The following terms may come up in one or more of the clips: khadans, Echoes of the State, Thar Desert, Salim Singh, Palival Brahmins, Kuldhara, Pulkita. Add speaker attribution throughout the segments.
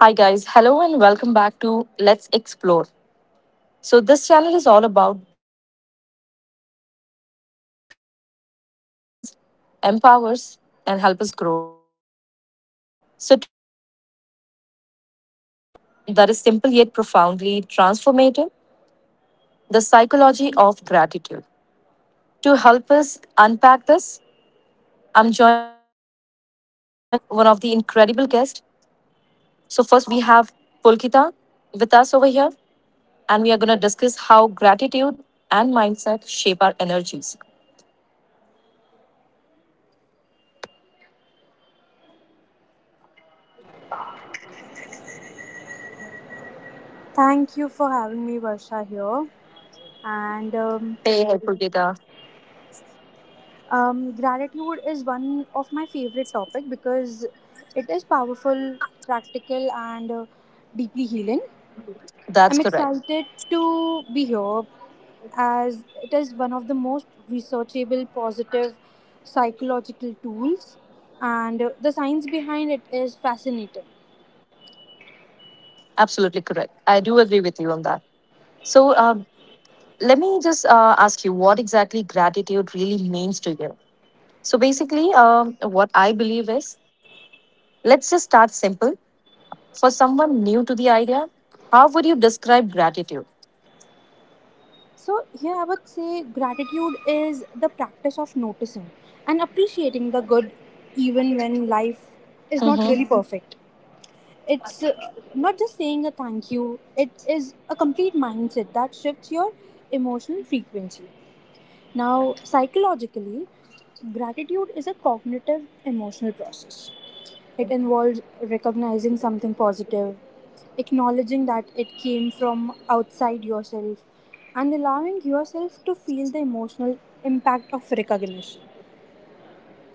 Speaker 1: Hi, guys. Hello, and welcome back to Let's Explore. So, this channel is all about diving into ideas that inspires, empowers, and help us grow as well. So, today we are going to exploring a topic that is simple yet profoundly transformative, the psychology of gratitude. To help us unpack this, I'm joining one of the incredible guests. So, first we have Pulkita with us over here. And we are going to discuss how gratitude and mindset shape our energies.
Speaker 2: Thank you for having me, Varsha, here. And
Speaker 1: Hey, helpful data.
Speaker 2: Gratitude is one of my favorite topic because it is powerful, practical, and deeply healing.
Speaker 1: That's
Speaker 2: I'm
Speaker 1: correct.
Speaker 2: excited to be here as it is one of the most researchable positive psychological tools, and the science behind it is fascinating.
Speaker 1: Absolutely correct. I do agree with you on that. So, let me just ask you what exactly gratitude really means to you. So, basically, what I believe is let's just start simple. For someone new to the idea, how would you describe gratitude?
Speaker 2: So, here I would say gratitude is the practice of noticing and appreciating the good even when life is not really perfect. It's not just saying a thank you, it is a complete mindset that shifts your emotional frequency. Now, psychologically, gratitude is a cognitive emotional process. It involves recognizing something positive, acknowledging that it came from outside yourself, and allowing yourself to feel the emotional impact of recognition.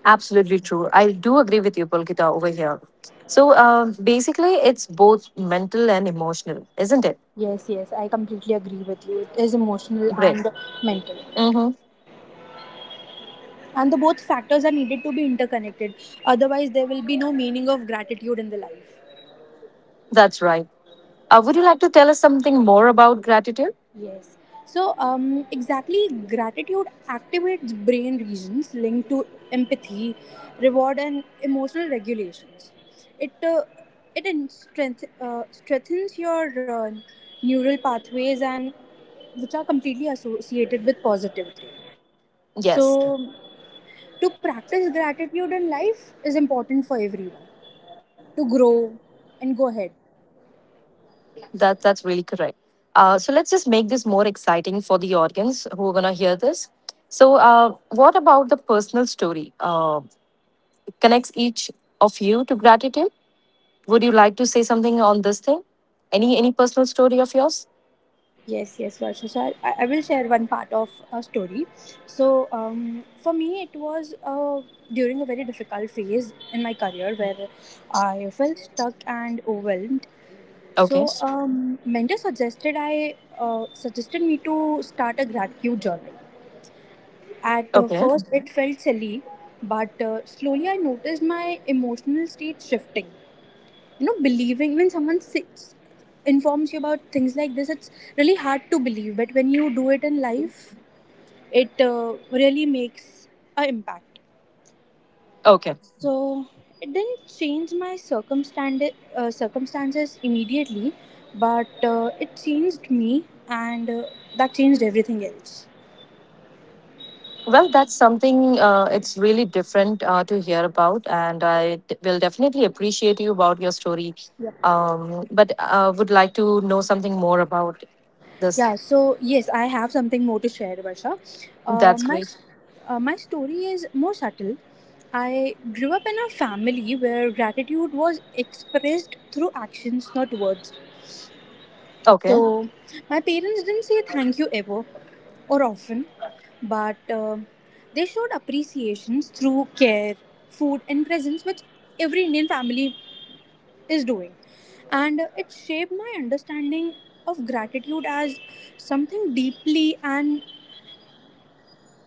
Speaker 1: Absolutely true. I do agree with you, Pulkita, over here. So basically, it's both mental and emotional, isn't it?
Speaker 2: Yes, yes, I completely agree with you. It is emotional
Speaker 1: Great.
Speaker 2: and mental.
Speaker 1: Mm-hmm.
Speaker 2: And the both factors are needed to be interconnected. Otherwise, there will be no meaning of gratitude in the life.
Speaker 1: That's right. Would you like to tell us something more about gratitude?
Speaker 2: Yes. So, exactly, gratitude activates brain regions linked to empathy, reward, and emotional regulations. It uh, it strengthens your neural pathways, and which are completely associated with positivity. So,
Speaker 1: Yes,
Speaker 2: to practice gratitude in life is important for everyone to grow and go ahead.
Speaker 1: that's really correct. So let's just make this more exciting for the audience who are gonna hear this. So, what about the personal story? Connects each of you to gratitude. Would you like to say something on this thing? Any personal story of yours?
Speaker 2: Yes, yes, Varsha. So I will share one part of a story. So for me, it was during a very difficult phase in my career where I felt stuck and overwhelmed. So
Speaker 1: Okay.
Speaker 2: mentor suggested I suggested me to start a gratitude journal. At
Speaker 1: Okay.
Speaker 2: first, it felt silly, but slowly I noticed my emotional state shifting. You know, believing when someone sits, informs you about things like this, it's really hard to believe, but when you do it in life, it really makes an impact.
Speaker 1: Okay.
Speaker 2: So it didn't change my circumstances immediately, but it changed me, and that changed everything else.
Speaker 1: Well, that's something it's really different to hear about, and will definitely appreciate you about your story.
Speaker 2: Yep.
Speaker 1: But would like to know something more about this.
Speaker 2: Yeah, so yes, I have something more to share, Varsha. Uh,
Speaker 1: That's
Speaker 2: my,
Speaker 1: great.
Speaker 2: my story is more subtle. I grew up in a family where gratitude was expressed through actions, not words.
Speaker 1: Okay.
Speaker 2: So, my parents didn't say thank you ever or often, but they showed appreciations through care, food, and presence, which every Indian family is doing. And it shaped my understanding of gratitude as something deeply and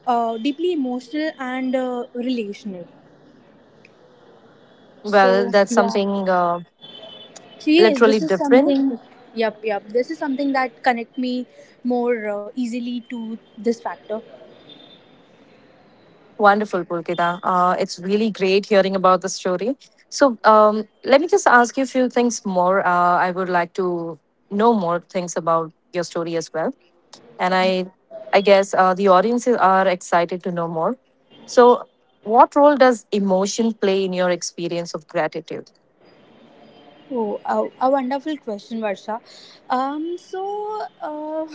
Speaker 2: deeply emotional and relational. So
Speaker 1: Well, that's
Speaker 2: yeah.
Speaker 1: something
Speaker 2: So yes, this
Speaker 1: literally
Speaker 2: is
Speaker 1: different.
Speaker 2: something. Yep, yep. This is something that connect me more easily to this factor.
Speaker 1: Wonderful, Pulkita. It's really great hearing about the story. So, let me just ask you a few things more. I would like to know more things about your story as well. And I guess the audiences are excited to know more. So, what role does emotion play in your experience of gratitude?
Speaker 2: A wonderful question, Varsha. Um, so uh,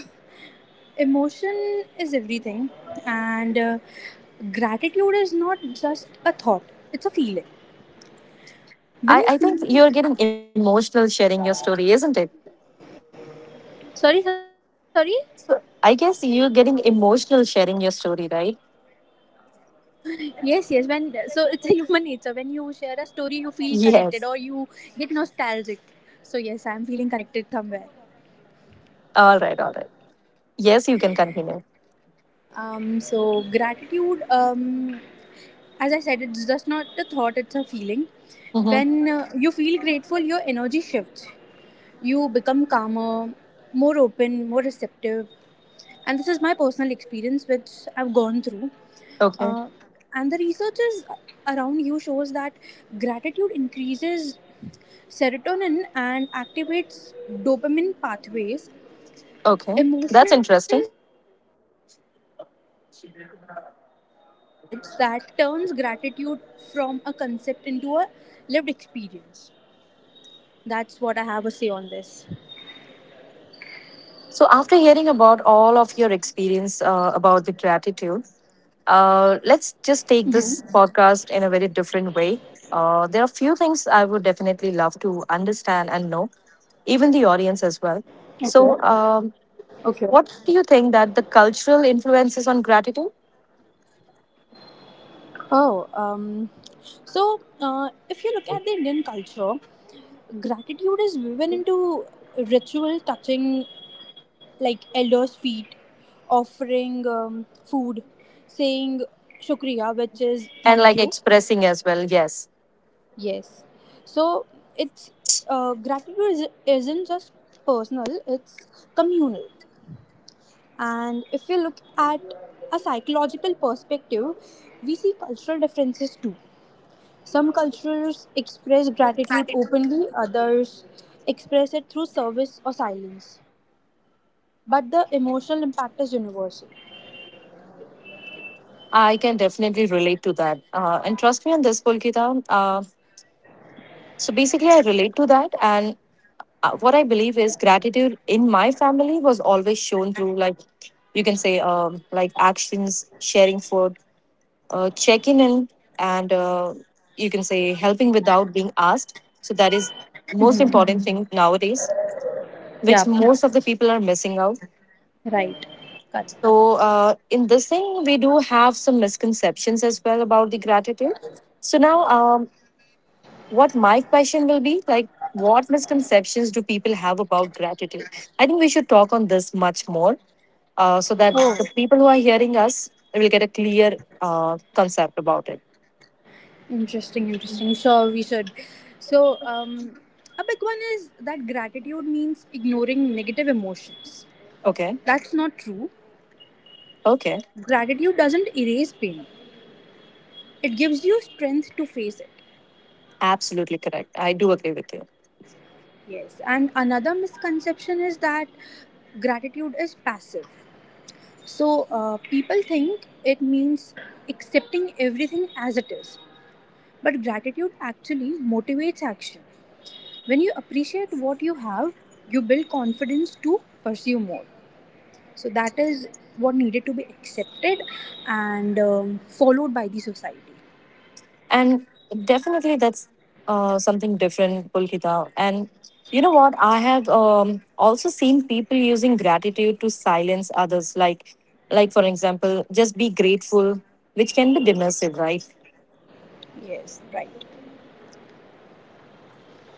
Speaker 2: Emotion is everything, and gratitude is not just a thought; it's a feeling. When
Speaker 1: I,
Speaker 2: you
Speaker 1: I think
Speaker 2: feel,
Speaker 1: you're getting emotional sharing your story, isn't it?
Speaker 2: sorry, sorry.
Speaker 1: So, I guess you're getting emotional sharing your story, right?
Speaker 2: Yes, yes. When, so it's a human nature. When you share a story, you feel connected or you
Speaker 1: Yes.
Speaker 2: get nostalgic. So yes, I'm feeling connected somewhere.
Speaker 1: All right, all right. Yes, you can continue.
Speaker 2: So gratitude. As I said, it's just not a thought; it's a feeling.
Speaker 1: Mm-hmm.
Speaker 2: When you feel grateful, your energy shifts. You become calmer, more open, more receptive. And this is my personal experience, which I've gone through.
Speaker 1: Okay,
Speaker 2: Uh, and the research is around you shows that gratitude increases serotonin and activates dopamine pathways.
Speaker 1: okay. That's
Speaker 2: Emotions
Speaker 1: interesting.
Speaker 2: are yes. So emotions are the bridge that turns gratitude from a concept into a lived experience. That's what I have to say on this.
Speaker 1: So, after hearing about all of your experience about the gratitude, let's just take this podcast in a very different way. There are few things I would definitely love to understand and know, even the audience as well.
Speaker 2: Okay.
Speaker 1: So,
Speaker 2: Okay.
Speaker 1: what do you think that the cultural influences on gratitude
Speaker 2: Oh, um, if you look at the Indian culture, gratitude is woven into ritual: touching like elders' feet, offering food, saying shukriya, which is
Speaker 1: and
Speaker 2: thank
Speaker 1: like
Speaker 2: you.
Speaker 1: expressing as well? Yes,
Speaker 2: Yes. So it's gratitude is, isn't just personal; it's communal. And if you look at a psychological perspective, we see cultural differences too. Some cultures express gratitude openly, others express it through service or silence. But the emotional impact is universal.
Speaker 1: I can definitely relate to that. And trust me on this, Pulkita. So basically, I relate to that. And what I believe is gratitude in my family was always shown through, like, you can say, like actions, sharing food, checking in and you can say helping without being asked. So that is most important thing nowadays, which
Speaker 2: Yeah,
Speaker 1: most of the people are missing out.
Speaker 2: right. Cut.
Speaker 1: So in this thing, we do have some misconceptions as well about the gratitude. So now, what my question will be like, what misconceptions do people have about gratitude? I think we should talk on this much more so that
Speaker 2: Oh,
Speaker 1: the people who are hearing us will get a clear concept about it.
Speaker 2: interesting, interesting. Sure, we should. So, a big one is that gratitude means ignoring negative emotions.
Speaker 1: Okay.
Speaker 2: That's not true.
Speaker 1: Okay.
Speaker 2: Gratitude doesn't erase pain, it gives you strength to face it.
Speaker 1: Absolutely correct. I do agree with you.
Speaker 2: Yes. And another misconception is that gratitude is passive. So, people think it means accepting everything as it is. But gratitude actually motivates action. When you appreciate what you have, you build confidence to pursue more. So that is what needed to be accepted and followed by the society.
Speaker 1: And definitely that's something different, Pulkita. And you know what? I have also seen people using gratitude to silence others. Like for example, just be grateful, which can be dismissive, right?
Speaker 2: Yes, right.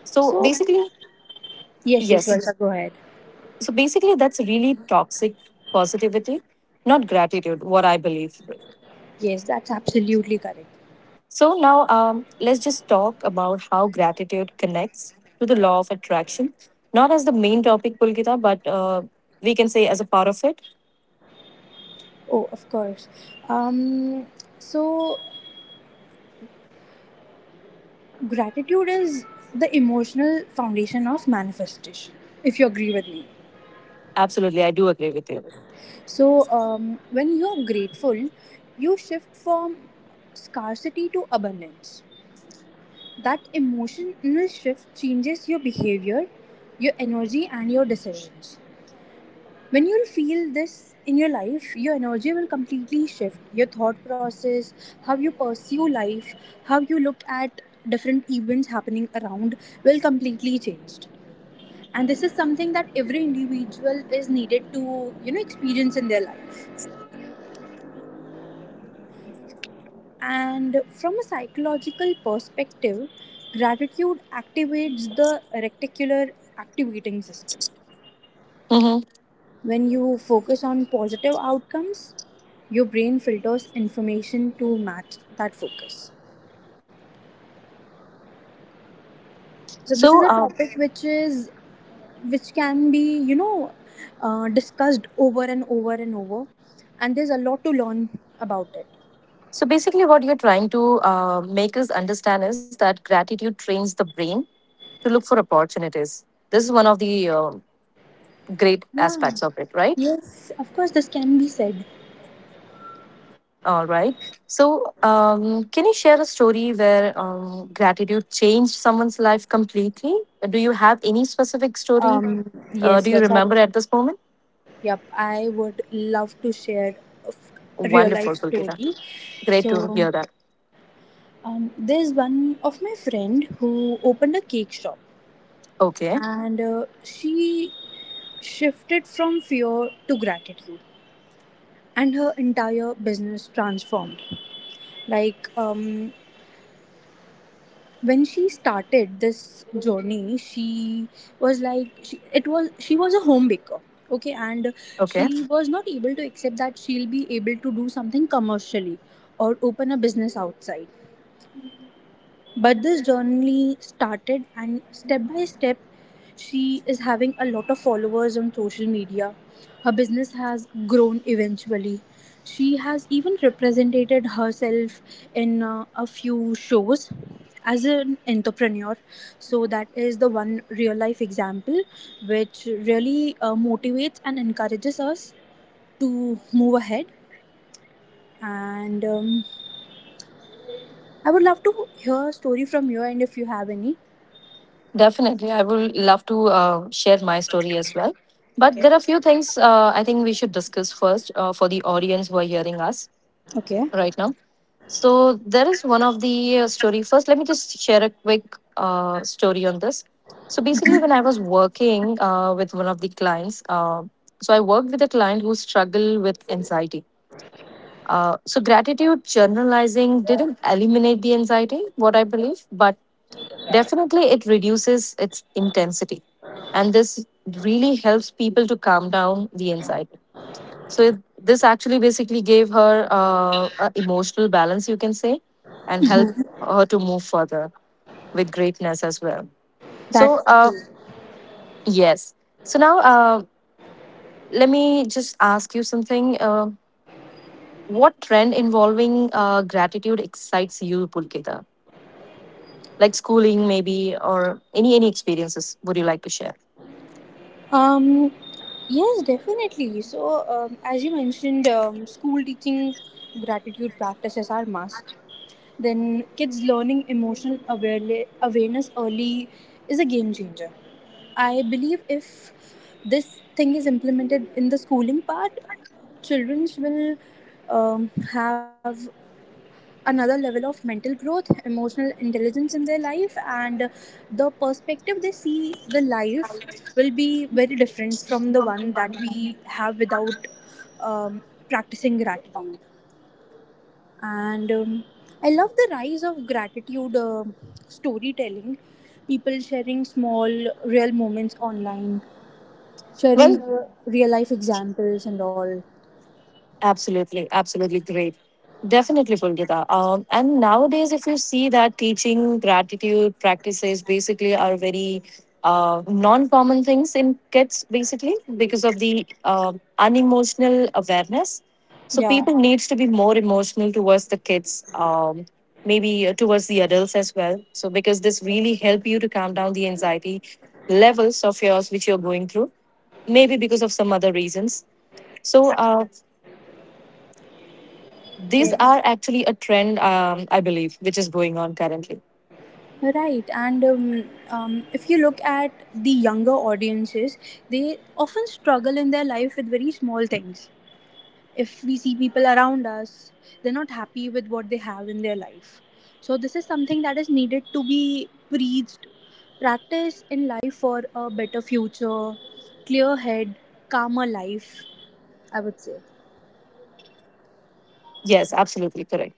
Speaker 1: So
Speaker 2: So
Speaker 1: basically,
Speaker 2: yes, yes,
Speaker 1: yes.
Speaker 2: Valsa, go ahead.
Speaker 1: So basically, that's really toxic positivity, not gratitude, what I believe.
Speaker 2: Yes, that's absolutely correct.
Speaker 1: So now let's just talk about how gratitude connects to the law of attraction. Not as the main topic, Pulkita, but we can say as a part of it.
Speaker 2: Oh, of course. um so gratitude is the emotional foundation of manifestation, if you agree with me.
Speaker 1: Absolutely, I do agree with you.
Speaker 2: So, when you're grateful, you shift from scarcity to abundance. That emotional shift changes your behavior, your energy, and your decisions. When you'll feel this in your life, your energy will completely shift. Your thought process, how you pursue life, how you look at different events happening around will completely changed. And this is something that every individual is needed to, you know, experience in their life. And from a psychological perspective, gratitude activates the reticular activating system.
Speaker 1: Hmm.
Speaker 2: When you focus on positive outcomes, your brain filters information to match that focus. So this is a
Speaker 1: So, uh,
Speaker 2: topic which is which can be, you know, discussed over and over and over, and there's a lot to learn about it.
Speaker 1: so basically, what you're trying to make us understand is that gratitude trains the brain to look for opportunities. This is one of the great
Speaker 2: Yeah.
Speaker 1: aspects of it, right?
Speaker 2: Yes, of course, this can be said.
Speaker 1: All right. So, can you share a story where gratitude changed someone's life completely? Do you have any specific story?
Speaker 2: Yes,
Speaker 1: Do you
Speaker 2: Vaishali.
Speaker 1: remember at this moment?
Speaker 2: Yep, I would love to share a f- real
Speaker 1: Wonderful,
Speaker 2: life
Speaker 1: Pulkita.
Speaker 2: story.
Speaker 1: Great to
Speaker 2: So,
Speaker 1: hear that.
Speaker 2: there's one of my friend who opened a cake shop,
Speaker 1: Okay.
Speaker 2: and she shifted from fear to gratitude, and her entire business transformed. Like, when she started this journey, she was a home baker, okay, and she
Speaker 1: Okay.
Speaker 2: was not able to accept that she'll be able to do something commercially or open a business outside. But this journey started, and step by step, she is having a lot of followers on social media. Her business has grown eventually. She has even represented herself in a few shows as an entrepreneur. So, that is the one real life example which really motivates and encourages us to move ahead. And I would love to hear a story from you, and if you have any,
Speaker 1: Definitely. I would love to share my story as well. But there are a few things I think we should discuss first for the audience who are hearing us right now. So there is one of the story. First, let me just share a quick story on this. So basically, when I was working with one of the clients, so I worked with a client who struggled with anxiety. So gratitude journalizing didn't eliminate the anxiety, what I believe, but definitely it reduces its intensity, and this really helps people to calm down the anxiety. So this actually basically gave her a emotional balance, you can say, and helped her to move further with greatness as well. So
Speaker 2: that's...
Speaker 1: yes. So now let me just ask you something. What trend involving gratitude excites you, Pulkita? Like schooling, maybe, or any experiences would you like to share?
Speaker 2: Um, yes, definitely. So, as you mentioned, school teaching gratitude practices are must. Then, kids learning awareness early is a game changer. I believe if this thing is implemented in the schooling part, children will have another level of mental growth, emotional intelligence in their life, and the perspective they see the life will be very different from the one that we have without um, practicing gratitude. And I love the rise of gratitude storytelling, people sharing small, real moments online, sharing
Speaker 1: Well.
Speaker 2: the real life examples and all.
Speaker 1: Absolutely, absolutely great. Definitely, Pulgita. And nowadays, if you see that teaching, gratitude practices basically are very non common things in kids, basically, because of the unemotional awareness. So,
Speaker 2: Yeah.
Speaker 1: people needs to be more emotional towards the kids, maybe towards the adults as well. So, because this really help you to calm down the anxiety levels of yours which you're going through, maybe because of some other reasons. So, these
Speaker 2: Yes.
Speaker 1: are actually a trend, I believe, which is going on currently.
Speaker 2: Right, and if you look at the younger audiences, they often struggle in their life with very small things. If we see people around us, they're not happy with what they have in their life. So, this is something that is needed to be preached, practiced in life for a better future, clear head, calmer life, I would say.
Speaker 1: Yes, absolutely correct.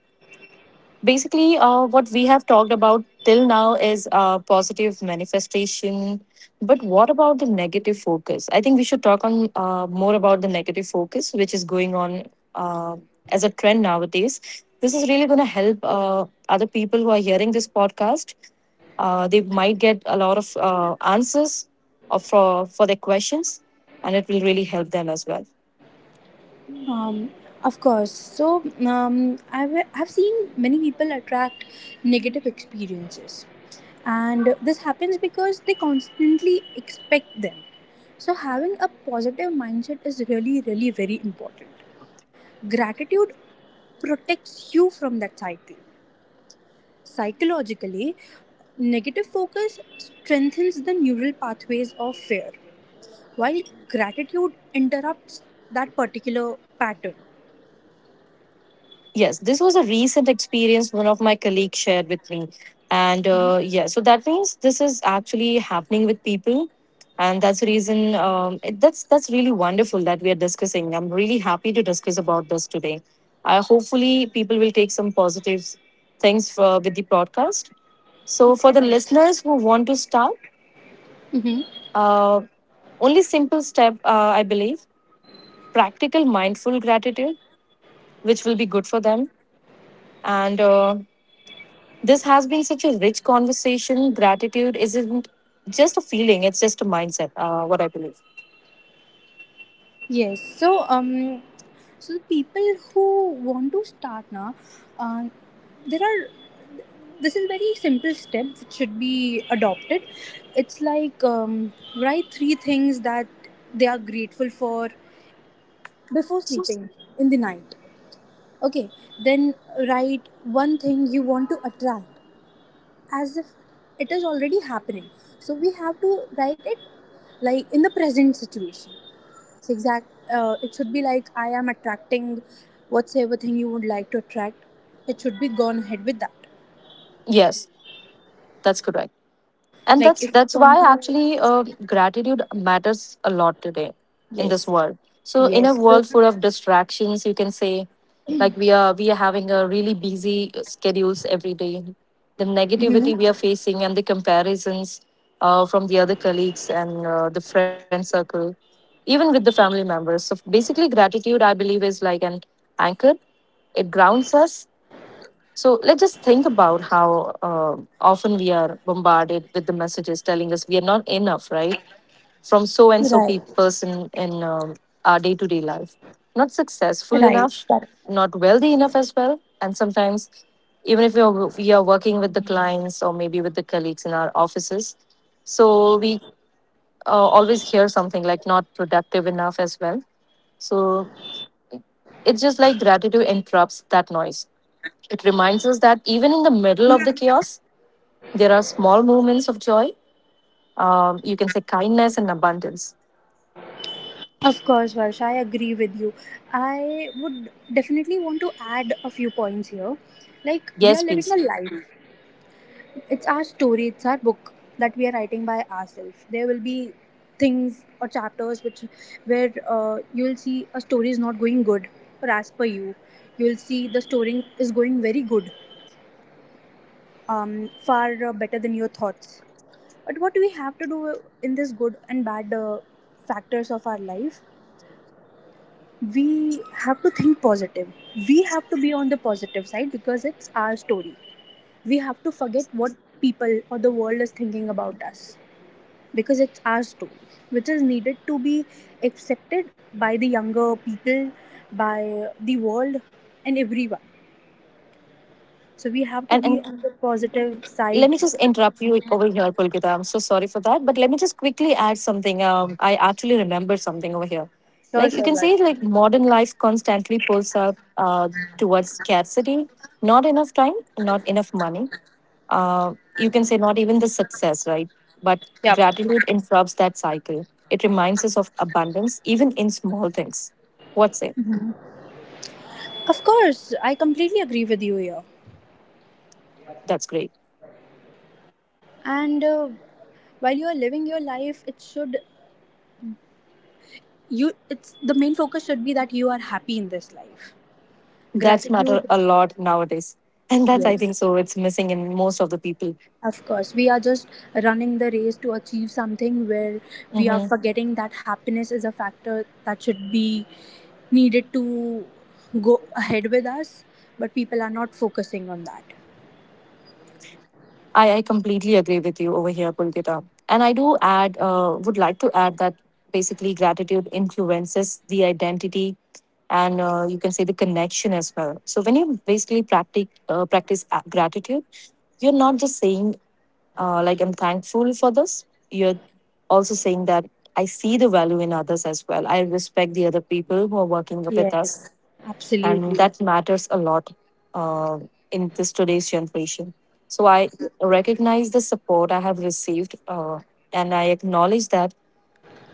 Speaker 1: Basically, what we have talked about till now is positive manifestation. But what about the negative focus? I think we should talk on more about the negative focus, which is going on uh, as a trend nowadays. This is really going to help other people who are hearing this podcast they might get a lot of answers for their questions, and it will really help them as well.
Speaker 2: Um, of course. So I've seen many people attract negative experiences, and this happens because they constantly expect them. So having a positive mindset is really, really very important. Gratitude protects you from that cycle. Psychologically, negative focus strengthens the neural pathways of fear, while gratitude interrupts that particular pattern.
Speaker 1: Yes, this was a recent experience one of my colleagues shared with me. And yeah, so that means this is actually happening with people. And that's the reason that's really wonderful that we are discussing. I'm really happy to discuss about this today. Hopefully, people will take some positive things for, with the podcast. So, for the
Speaker 2: Yes.
Speaker 1: listeners who want to start,
Speaker 2: Mhm.
Speaker 1: uh, only simple step, I believe, practical mindful gratitude, which will be good for them. And This has been such a rich conversation. Gratitude isn't just a feeling, it's just a mindset, what I believe.
Speaker 2: Yes, so so people who want to start now, uh, there are... this is very simple step which should be adopted. It's like, write three things that they are grateful for before sleeping in the night. Okay, then write one thing you want to attract as if it is already happening. So we have to write it like in the present situation. So exact, it should be like I am attracting whatsoever thing you would like to attract. It should be gone ahead with that.
Speaker 1: Yes, that's correct. And
Speaker 2: Like
Speaker 1: that's
Speaker 2: if you
Speaker 1: that's
Speaker 2: want
Speaker 1: why
Speaker 2: to...
Speaker 1: actually gratitude matters a lot today in this world. So in a world full of distractions, you can say, like we are having a really busy schedules every day, the
Speaker 2: hmm,
Speaker 1: negativity we are facing and the comparisons from the other colleagues and the friend circle, even with the family members. So basically gratitude I believe is like an anchor. It grounds us. So let's just think about how often we are bombarded with the messages telling us we are not enough, right? From so
Speaker 2: right,
Speaker 1: and so person in our day to day life. Not
Speaker 2: right.
Speaker 1: successful
Speaker 2: That,
Speaker 1: enough, not wealthy enough as well. And sometimes, even if we are, we are working with the clients or maybe with the colleagues in our offices, so we always hear something like not productive enough as well. So it's just like gratitude interrupts that noise. It reminds us that even in the middle of the chaos, there are small moments of joy. You can say kindness and abundance.
Speaker 2: of course, Varsh, I agree with you. I would definitely want to add a few points here. Like we are
Speaker 1: Yes,
Speaker 2: living
Speaker 1: please.
Speaker 2: a life. It's our story, it's our book that we are writing by ourselves. There will be things or chapters which, where you will see a story is not going good, or as per you, you will see the story is going very good, far better than your thoughts. But what we have to do in this good and bad factors of our life, we have to think positive. We have to be on the positive side because it's our story. We have to forget what people or the world is thinking about us, because it's our story, which is needed to be accepted by the younger people, by the world, and everyone. So we have to
Speaker 1: And
Speaker 2: be
Speaker 1: and
Speaker 2: on the
Speaker 1: let me
Speaker 2: positive
Speaker 1: just interrupt
Speaker 2: side.
Speaker 1: you over here, Pulkita. I'm so sorry for that. But let me just quickly add something. I actually remember something over here. Like you can
Speaker 2: Sure,
Speaker 1: say,
Speaker 2: sure,
Speaker 1: like
Speaker 2: right.
Speaker 1: modern life constantly pulls up towards scarcity. Not enough time. Not enough money. You can say not even the success, right? But
Speaker 2: Yeah,
Speaker 1: gratitude interrupts that cycle. It reminds us of abundance, even in small things. What say?
Speaker 2: of course, I completely agree with you here.
Speaker 1: That's great.
Speaker 2: And while you are living your life, it should, you it's the main focus should be that you are happy in this life.
Speaker 1: That's matter a
Speaker 2: Gratitude.
Speaker 1: lot nowadays. And that's, I think, so it's missing in most of the people.
Speaker 2: Of course, we are just running the race to achieve something where we are
Speaker 1: Hmm.
Speaker 2: forgetting that happiness is a factor that should be needed to go ahead with us, but people are not focusing on that.
Speaker 1: I completely agree with you over here, Pulkita. And I do add, would like to add that basically gratitude influences the identity and you can say the connection as well. So when you basically practice, gratitude, you're not just saying, like, I'm thankful for this. You're also saying that I see the value in others as well. I respect the other people who are working with us, and
Speaker 2: Absolutely.
Speaker 1: that matters a lot uh, in this today's generation. So I recognize the support I have received, and I acknowledge that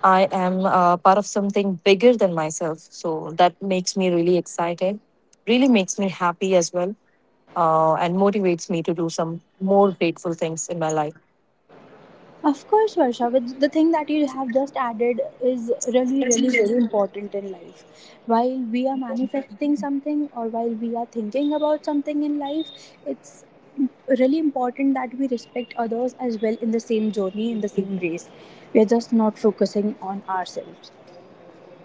Speaker 1: I am part of something bigger than myself. So that makes me really excited, really makes me happy as well, and motivates me to do some more grateful things in my life.
Speaker 2: Of course, Varsha. But the thing that you have just added is really, really very important in life. While we are manifesting something or while we are thinking about something in life, it's really important that we respect others as well in the same journey, in the same race. We are just not focusing on ourselves.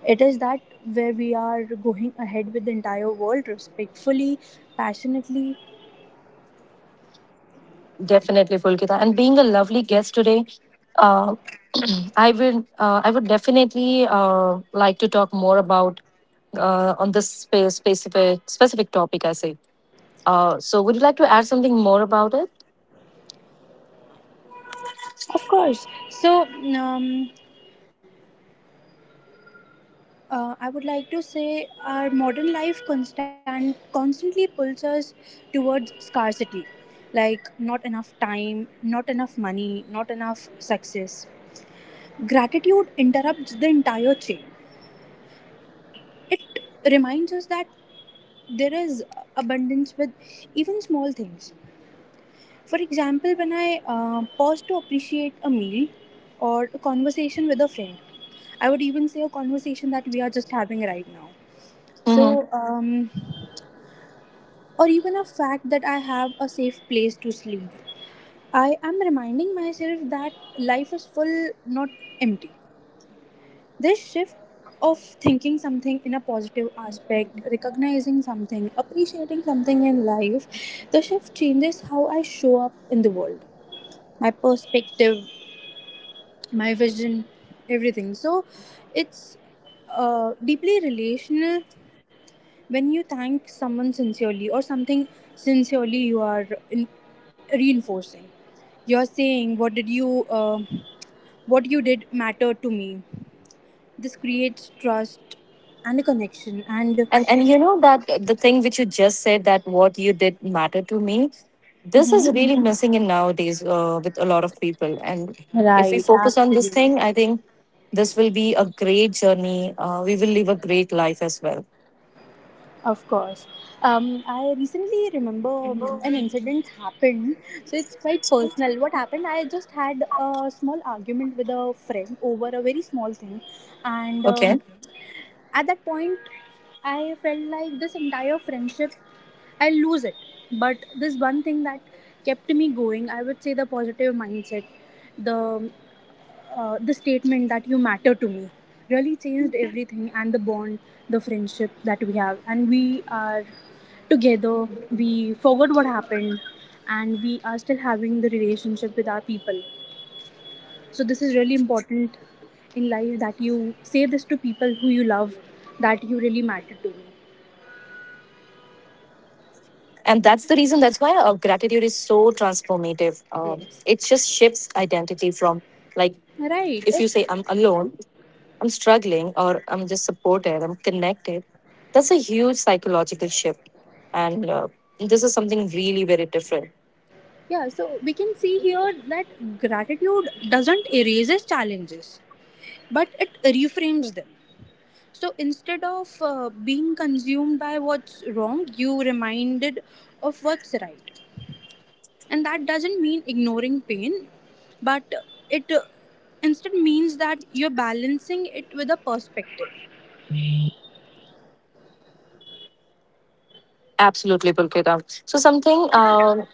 Speaker 2: It is that where we are going ahead with the entire world respectfully, passionately.
Speaker 1: Definitely, Pulkita. And being a lovely guest today, uh, I would definitely like to talk more about on this specific topic. I say. So, would you like to add something more about it?
Speaker 2: Of course. So, um, I would like to say our modern life constant constantly pulls us towards scarcity, like not enough time, not enough money, not enough success. Gratitude interrupts the entire chain. It reminds us that there is abundance with even small things. For example, when I pause to appreciate a meal or a conversation with a friend, I would even say a conversation that we are just having right now.
Speaker 1: Hmm.
Speaker 2: So, um, or even a fact that I have a safe place to sleep, I am reminding myself that life is full, not empty. This shift of thinking something in a positive aspect, recognizing something, appreciating something in life, the shift changes how I show up in the world, my perspective, my vision, everything. So it's deeply relational. When you thank someone sincerely or something sincerely, you are in reinforcing. You're saying, uh, what you did mattered to me." This creates trust and a connection, and
Speaker 1: And you know that the thing which you just said, that what you did matter to me. This
Speaker 2: mhm.
Speaker 1: is really missing in nowadays with a lot of people. And if we
Speaker 2: Right,
Speaker 1: focus on this
Speaker 2: absolutely.
Speaker 1: thing, I think this will be a great journey. We will live a great life as well.
Speaker 2: Of course. Um, I recently remember an incident happened. So it's quite personal. What happened? I just had a small argument with a friend over a very small thing, and
Speaker 1: Okay.
Speaker 2: at that point, I felt like this entire friendship, I'll lose it. But this one thing that kept me going, I would say the positive mindset, the the statement that you matter to me, really changed everything. And the bond, the friendship that we have, and we are together. We forgot what happened, and we are still having the relationship with our people. So this is really important in life that you say this to people who you love that you really matter to me.
Speaker 1: And that's the reason, that's why gratitude is so transformative. It just shifts identity from, like, if you
Speaker 2: Right.
Speaker 1: say, I'm alone, I'm struggling, or I'm just supported, I'm connected, that's a huge psychological shift. And this is something really very different.
Speaker 2: Yeah, so we can see here that gratitude doesn't erases challenges, but it reframes them. So instead of being consumed by what's wrong, you reminded of what's right. And that doesn't mean ignoring pain, but it instead means that you're balancing it with a perspective.
Speaker 1: Absolutely, Pulkita. So, something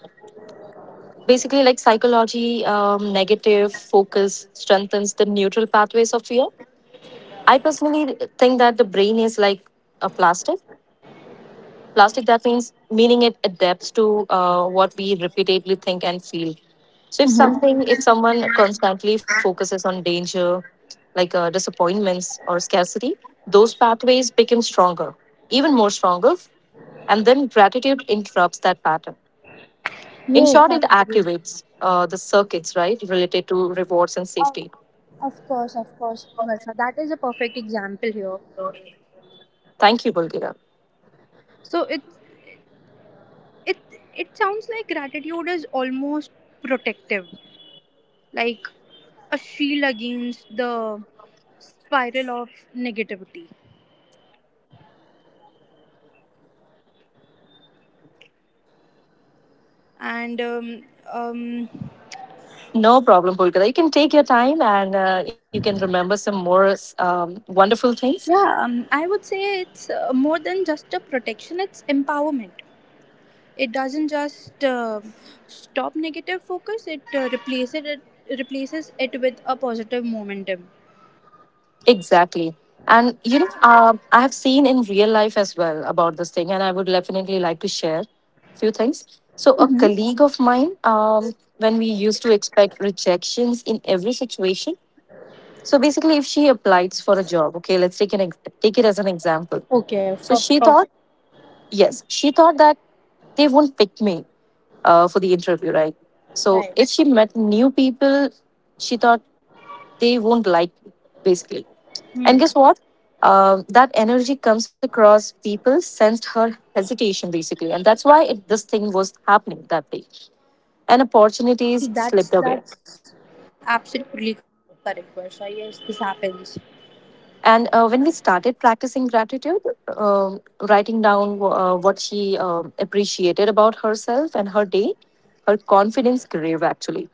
Speaker 1: basically like psychology, negative focus strengthens the neutral pathways of fear. I personally think that the brain is like a plastic. Plastic, that means meaning it adapts to what we repeatedly think and feel. So
Speaker 2: Mhm.
Speaker 1: if someone constantly focuses on danger, like disappointments or scarcity, those pathways become stronger, even more stronger. And then gratitude interrupts that pattern. In
Speaker 2: Yes,
Speaker 1: short, it activates the circuits, right, related to rewards and
Speaker 2: Of,
Speaker 1: safety.
Speaker 2: of course, Varsha. That is a perfect example here.
Speaker 1: Thank you, Bulgira.
Speaker 2: So it it sounds like gratitude is almost protective, like a shield against the spiral of negativity. And um,
Speaker 1: No problem, Pulkita. You can take your time and you can remember some more wonderful things.
Speaker 2: yeah, I would say it's more than just a protection; it's empowerment. It doesn't just stop negative focus; it replaces it with a positive momentum.
Speaker 1: Exactly. And, you know, I have seen in real life as well about this thing, and I would definitely like to share a few things. So, a colleague of mine, when we used to expect rejections in every situation, so basically, if she applies for a job, okay, let's take, take it as an example. So, she thought, yes, she thought that they won't pick me for the interview, right? So
Speaker 2: Right.
Speaker 1: if she met new people, she thought they won't like me, basically. And
Speaker 2: Hmm.
Speaker 1: guess what? That energy comes across. People sensed her hesitation, basically, and that's why this thing was happening that day. And
Speaker 2: Right,
Speaker 1: opportunities
Speaker 2: that's
Speaker 1: slipped away.
Speaker 2: that's absolutely correct, Varsha. Yes, this happens.
Speaker 1: And when we started practicing gratitude, um, writing down what she appreciated about herself and her day, her confidence grew actually,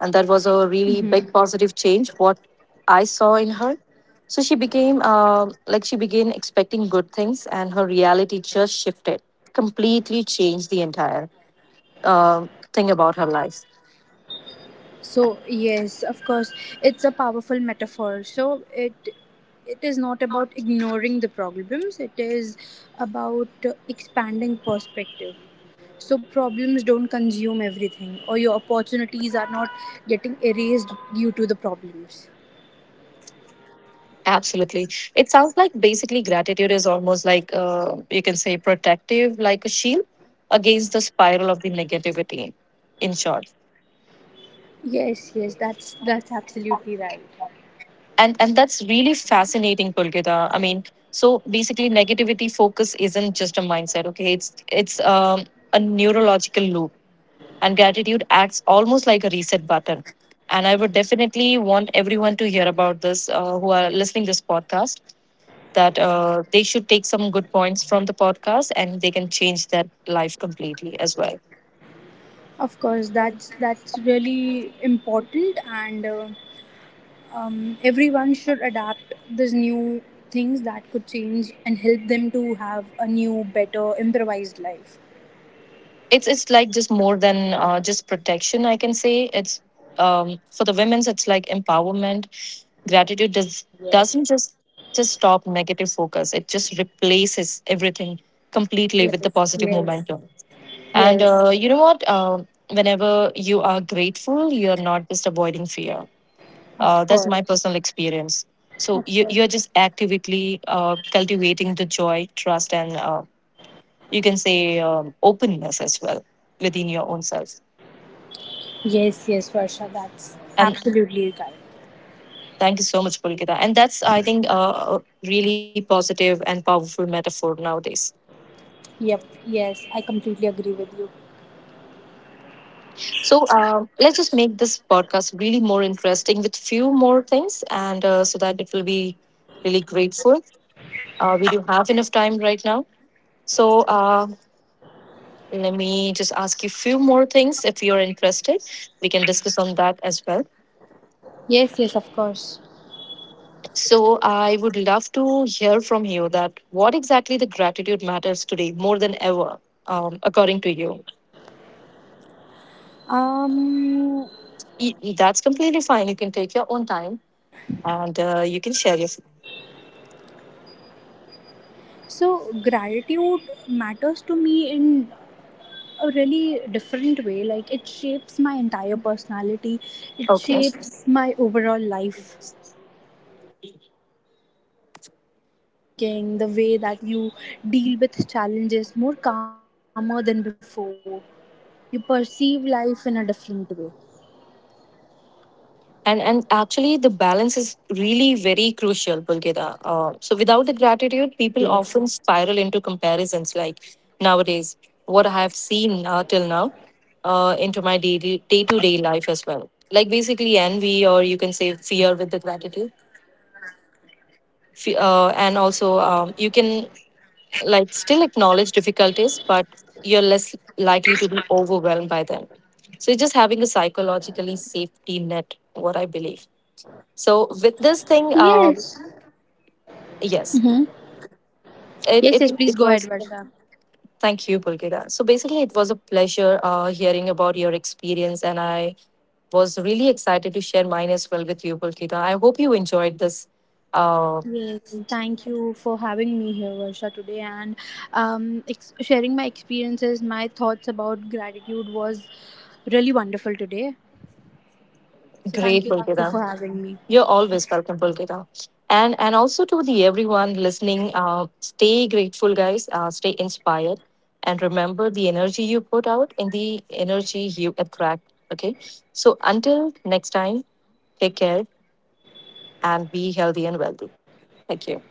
Speaker 1: and that was a really
Speaker 2: Mm-hmm.
Speaker 1: big positive change what I saw in her. So she became, like, she began expecting good things and her reality just shifted, completely changed the entire thing about her life.
Speaker 2: So yes, of course, it's a powerful metaphor. So it is not about ignoring the problems. It is about expanding perspective. So problems don't consume everything, or your opportunities are not getting erased due to the problems.
Speaker 1: Absolutely. It sounds like basically gratitude is almost like, you can say, protective, like a shield against the spiral of the negativity, in short.
Speaker 2: Yes, yes, that's absolutely right.
Speaker 1: And that's really fascinating, Pulkita. I mean, so basically negativity focus isn't just a mindset, okay, it's a neurological loop, and gratitude acts almost like a reset button. And I would definitely want everyone to hear about this, who are listening this podcast, that they should take some good points from the podcast and they can change their life completely as well.
Speaker 2: Of course, that's really important and. Everyone should adapt these new things that could change and help them to have a new, better, improvised life.
Speaker 1: It's like just more than just protection, I can say. It's, for the women's, it's like empowerment. Gratitude does Doesn't just stop negative focus, it just replaces everything completely with the positive momentum. And
Speaker 2: Yes,
Speaker 1: you know what? Whenever you are grateful, you're not just avoiding fear.
Speaker 2: of
Speaker 1: That's my
Speaker 2: course.
Speaker 1: personal experience. So you're just actively cultivating the joy, trust, and you can say, openness as well within your own self.
Speaker 2: Yes, yes, Varsha, that's
Speaker 1: And
Speaker 2: absolutely right.
Speaker 1: thank you so much, Pulkita. And that's, I think, a really positive and powerful metaphor nowadays.
Speaker 2: Yep, yes, I completely agree with you.
Speaker 1: So let's just make this podcast really more interesting with few more things, and so that it will be really grateful. We do have enough time right now, so let me just ask you few more things. If you're interested, we can discuss on that as well.
Speaker 2: Yes, yes, of course.
Speaker 1: So I would love to hear from you that what exactly the gratitude matters today more than ever, according to you.
Speaker 2: Um,
Speaker 1: That's completely fine. You can take your own time and you can share your feelings.
Speaker 2: so gratitude matters to me in a really different way. Like it shapes my entire personality. It
Speaker 1: Okay.
Speaker 2: shapes my overall life. The power of positive thinking, the way that you deal with challenges more calmer than before. You perceive life in a different way.
Speaker 1: And actually, the balance is really very crucial, Bulgida. So without the gratitude, people often spiral into comparisons. Like nowadays, what I have seen till now into my day to day life as well. Like basically envy, or you can say fear with the gratitude. And also, you can, like, still acknowledge difficulties, but you're less likely to be overwhelmed by them. So it's just having a psychologically safety net, what I believe. So with this thing,
Speaker 2: Yes.
Speaker 1: yes,
Speaker 2: Mm-hmm. Yes, yes, please
Speaker 1: it
Speaker 2: go ahead,
Speaker 1: was.
Speaker 2: Varsha.
Speaker 1: Thank you, Pulkita. So basically, it was a pleasure hearing about your experience, and I was really excited to share mine as well with you, Pulkita. I hope you enjoyed this. Uh,
Speaker 2: Yes, thank you for having me here, Varsha, today and sharing my experiences, my thoughts about gratitude was really wonderful today. So,
Speaker 1: great,
Speaker 2: thank you
Speaker 1: Pulkita.
Speaker 2: for having me.
Speaker 1: You're always welcome, Pulkita. And also to the everyone listening, stay grateful, guys. Stay inspired, and remember the energy you put out and the energy you attract. Okay. So until next time, take care and be healthy and wealthy. Thank you.